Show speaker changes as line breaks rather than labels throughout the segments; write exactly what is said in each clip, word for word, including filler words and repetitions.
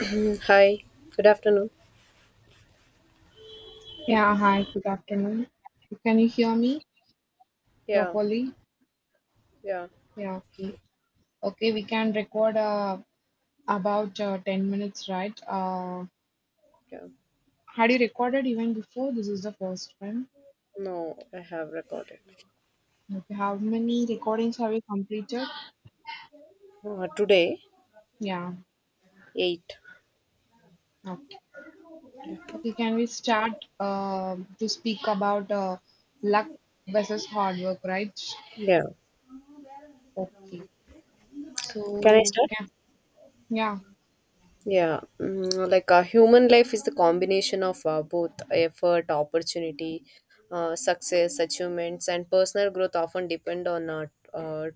Mm, Hi, good afternoon.
Yeah, hi, good afternoon. Can you hear me
Yeah,
properly?
yeah,
Yeah, okay. Okay, we can record uh, about uh, ten minutes, right? Uh,
yeah.
had you recorded even before? This is the first one.
No, I have recorded.
Okay, how many recordings have you completed?
Uh, today,
Yeah,
eight.
okay. Okay, can we start uh, to speak about uh, luck versus hard work, right?
Yeah.
Okay. So,
Can I start?
yeah, yeah,
Yeah, mm, like uh, human life is the combination of uh, both effort, opportunity, uh, success, achievements, and personal growth often depend on uh, uh,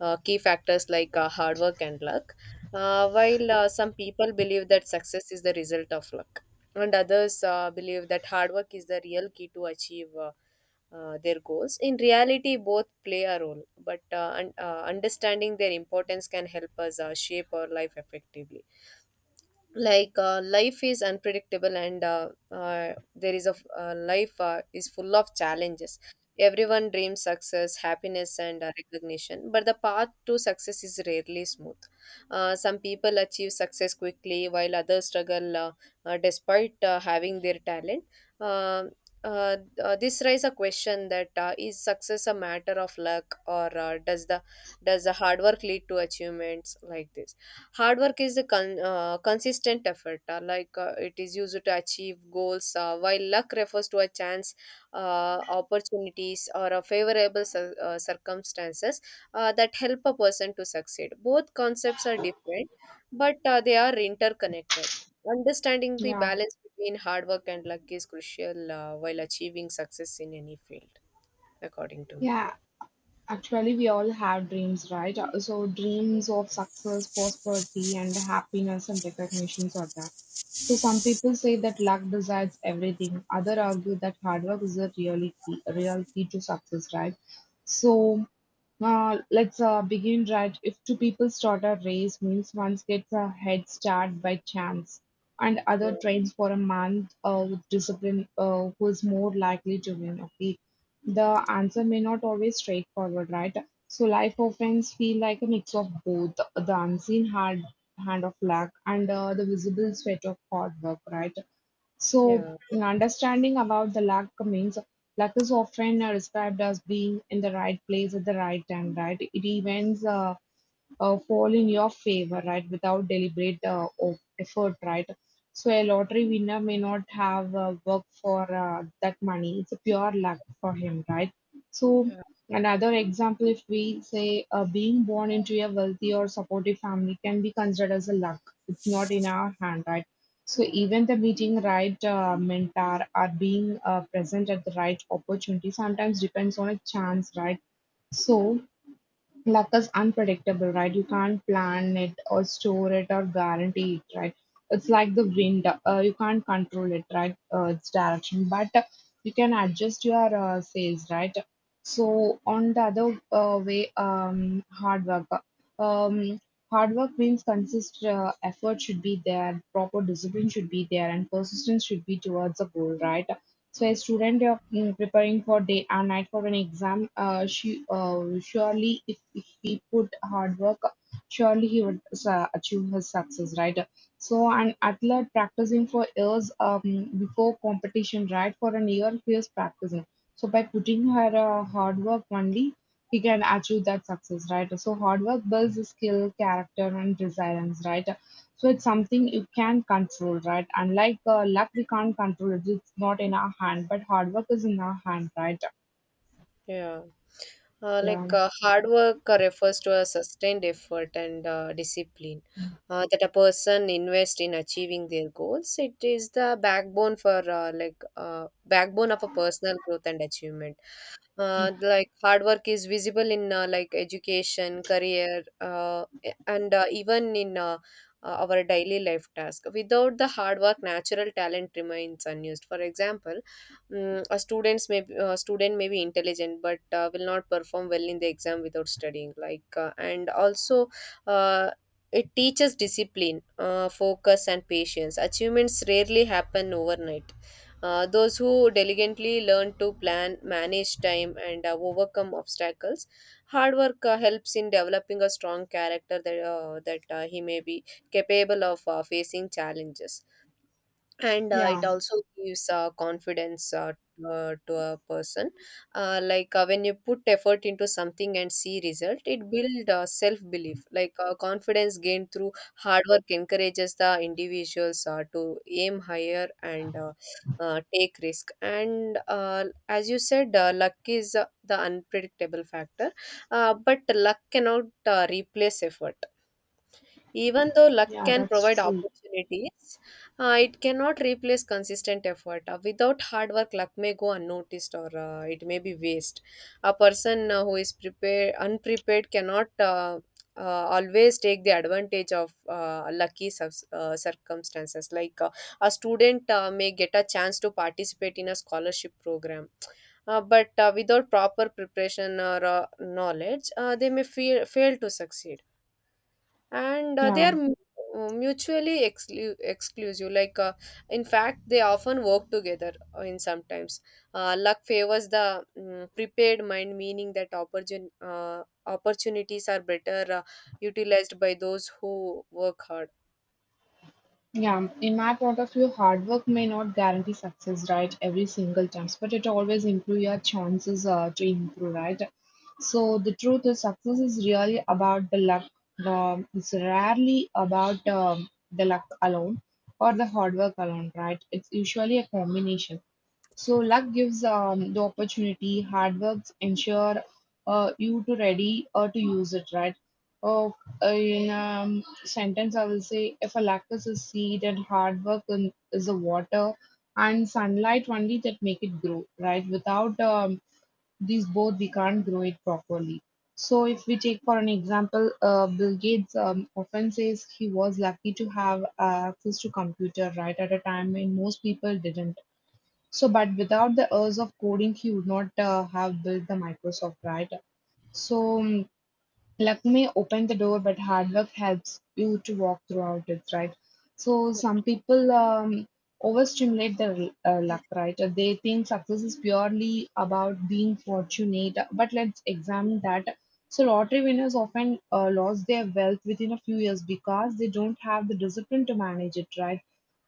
uh, key factors like uh, hard work and luck. Uh, while uh, some people believe that success is the result of luck, and others uh, believe that hard work is the real key to achieve uh, uh, their goals. In reality, both play a role, but uh, un- uh, understanding their importance can help us uh, shape our life effectively. Like uh, life is unpredictable and uh, uh, there is a f- uh, life uh, is full of challenges. Everyone dreams success, happiness and uh, recognition, but the path to success is rarely smooth. Uh, some people achieve success quickly while others struggle, uh, uh, despite uh, having their talent. uh, uh, uh, this raises a question that uh, is success a matter of luck, or uh, does the does the hard work lead to achievements like this? Hard work is a con- uh, consistent effort, uh, like uh, it is used to achieve goals, uh, while luck refers to a chance, uh, opportunities, or a favorable cir- uh, circumstances uh, that help a person to succeed. Both concepts are different, but uh, they are interconnected. Understanding the
yeah.
balance between hard work and luck is crucial uh, while achieving success in any field, according to me.
Yeah, actually, we all have dreams, right? Uh, so, dreams of success, prosperity, and happiness and recognitions are that. So, some people say that luck decides everything. Other argue that hard work is a really key, a real key to success, right? So, uh, let's uh, begin, right? If two people start a race, means one gets a head start by chance, and other trains for a month uh, with discipline, uh, who is more likely to win. Okay, the answer may not always straightforward, right? So life often feel like a mix of both the unseen hard hand of luck and uh, the visible sweat of hard work, right? So
Yeah.
understanding about the luck means luck is often uh, described as being in the right place at the right time, right? It events uh, uh, fall in your favor, right? Without deliberate uh, of effort, right? So a lottery winner may not have uh, worked for uh, that money. It's a pure luck for him, right? So
Yeah.
another example, if we say uh, being born into a wealthy or supportive family can be considered as a luck. It's not in our hand, right? So even the meeting right uh, mentor or being uh, present at the right opportunity sometimes depends on a chance, right? So luck is unpredictable, right? You can't plan it or store it or guarantee it, right? It's like the wind. Uh, you can't control it, right? Uh, its direction, but uh, you can adjust your uh, sales, right? So on the other uh, way, um, hard work. uh, Um, Hard work means consist uh, effort should be there, proper discipline should be there, and persistence should be towards a goal, right? So a student uh, mm, preparing for day and night for an exam, uh, she uh, surely if if he put hard work, surely he would uh, achieve his success, right? So an athlete practicing for years um, before competition, right? For an year he is practicing. So by putting her uh, hard work only, he can achieve that success, right? So hard work builds skill, character, and resilience, right? So it's something you can control, right? Unlike uh, luck, we can't control it. It's not in our hand, but hard work is in our hand, right?
Yeah. Uh, like
Yeah,
uh, hard work uh, refers to a sustained effort and uh, discipline uh, that a person invests in achieving their goals. It is the backbone for uh, like uh, backbone of a personal growth and achievement. Uh, like, hard work is visible in uh, like education, career uh, a- and uh, even in uh, uh, our daily life task. Without the hard work, natural talent remains unused. For example, mm, a students may uh, student may be intelligent, but uh, will not perform well in the exam without studying. Like uh, and also, uh, it teaches discipline, uh, focus and patience. Achievements rarely happen overnight. Uh, those who diligently learn to plan, manage time, and uh, overcome obstacles. Hard work uh, helps in developing a strong character that, uh, that uh, he may be capable of uh, facing challenges, and uh, it
yeah,
also gives uh, confidence uh, uh, to a person. Uh, like uh, when you put effort into something and see result, it builds uh, self belief. Like uh, confidence gained through hard work encourages the individuals uh, to aim higher and uh, uh, take risk. And uh, as you said, uh, luck is uh, the unpredictable factor, uh, but luck cannot uh, replace effort. Even though luck
yeah,
can
that's
provide
true.
opportunities, uh, it cannot replace consistent effort. Uh, without hard work, luck may go unnoticed, or uh, it may be waste. A person uh, who is prepared, unprepared cannot uh, uh, always take the advantage of uh, lucky subs- uh, circumstances. Like uh, a student uh, may get a chance to participate in a scholarship program. Uh, but uh, without proper preparation or uh, knowledge, uh, they may feel, fail to succeed, and uh, they are
Yeah,
mu- uh, mutually exclu- exclusive. Like uh, in fact they often work together uh, in sometimes. Uh, luck favors the mm, prepared mind, meaning that opportun- uh, opportunities are better uh, utilized by those who work hard.
yeah. In my point of view, hard work may not guarantee success, right, every single time, but it always improve your chances uh, to improve, right? So the truth is, success is really about the luck. Um, it's rarely about um, the luck alone or the hard work alone, right? It's usually a combination. So luck gives um, the opportunity. Hard work ensure uh, you to ready or to use it, right? Oh, uh, in um, sentence, I will say if a luck is a seed and hard work in, is the water and sunlight only that make it grow, right? Without um, these both, we can't grow it properly. So if we take for an example, uh, Bill Gates um, often says he was lucky to have uh, access to computer right at a time when most people didn't so, but without the urge of coding, he would not uh, have built the Microsoft, right? So, um, luck may open the door, but hard work helps you to walk throughout it, right? So some people um, overstimulate their uh, luck, right? Uh, they think success is purely about being fortunate, but let's examine that. So lottery winners often uh, lost their wealth within a few years because they don't have the discipline to manage it, right?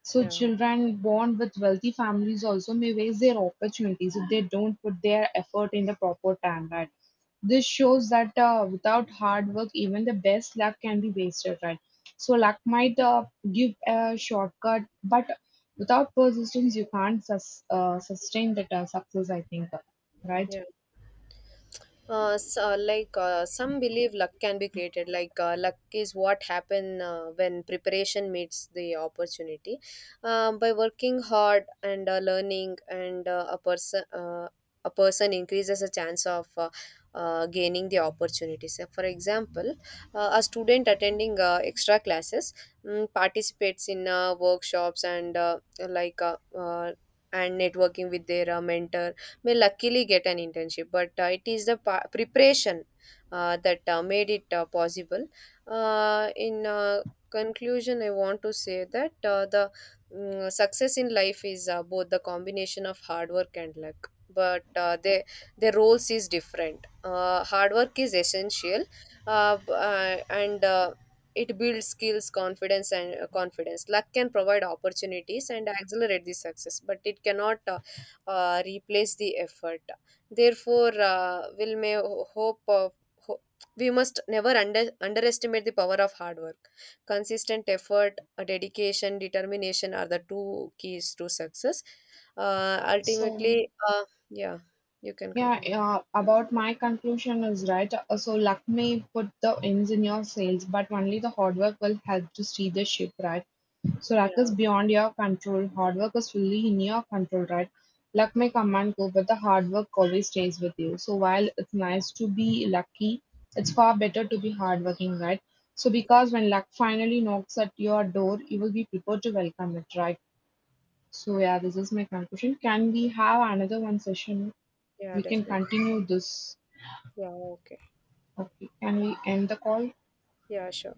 So
Yeah,
children born with wealthy families also may waste their opportunities if they don't put their effort in the proper time, right? This shows that uh, without hard work, even the best luck can be wasted, right? So luck might uh, give a shortcut, but without persistence, you can't sus- uh, sustain that uh, success. I think, right?
yeah, uh, so, like uh, some believe luck can be created. Like uh, luck is what happen uh, when preparation meets the opportunity. Um, by working hard and uh, learning, and uh, a person uh, a person increases a chance of uh, uh, gaining the opportunities. So, for example, uh, a student attending uh, extra classes, mm, participates in uh, workshops, and uh, like uh, uh, and networking with their uh, mentor, may luckily get an internship. But uh, it is the pa- preparation uh, that uh, made it uh, possible. Uh, in uh, conclusion, I want to say that uh, the mm, success in life is uh, both the combination of hard work and luck, but uh, they, their roles is different. Uh, hard work is essential, uh, b- uh, and uh, it builds skills, confidence, and uh, confidence. Luck can provide opportunities and accelerate the success, but it cannot uh, uh, replace the effort. Therefore, uh, will may ho- hope of ho- we must never under, underestimate the power of hard work. Consistent effort, uh, dedication, determination are the two keys to success. Uh,
So
ultimately, uh, yeah, you can
yeah,
continue.
yeah, about my conclusion is right. Uh, so luck may put the ends in your sails, but only the hard work will help to steer the ship, right? So luck is
Yeah,
beyond your control. Hard work is fully in your control, right? Luck may come and go, but the hard work always stays with you. So while it's nice to be lucky, it's far better to be hardworking, right? So
de-
because when luck finally knocks at your door, you will be prepared to welcome it, right? So yeah, this is my conclusion. Can we have another one session?
yeah,
We can
definitely.
continue this.
Yeah, okay.
Okay, can we end the call?
Yeah, sure.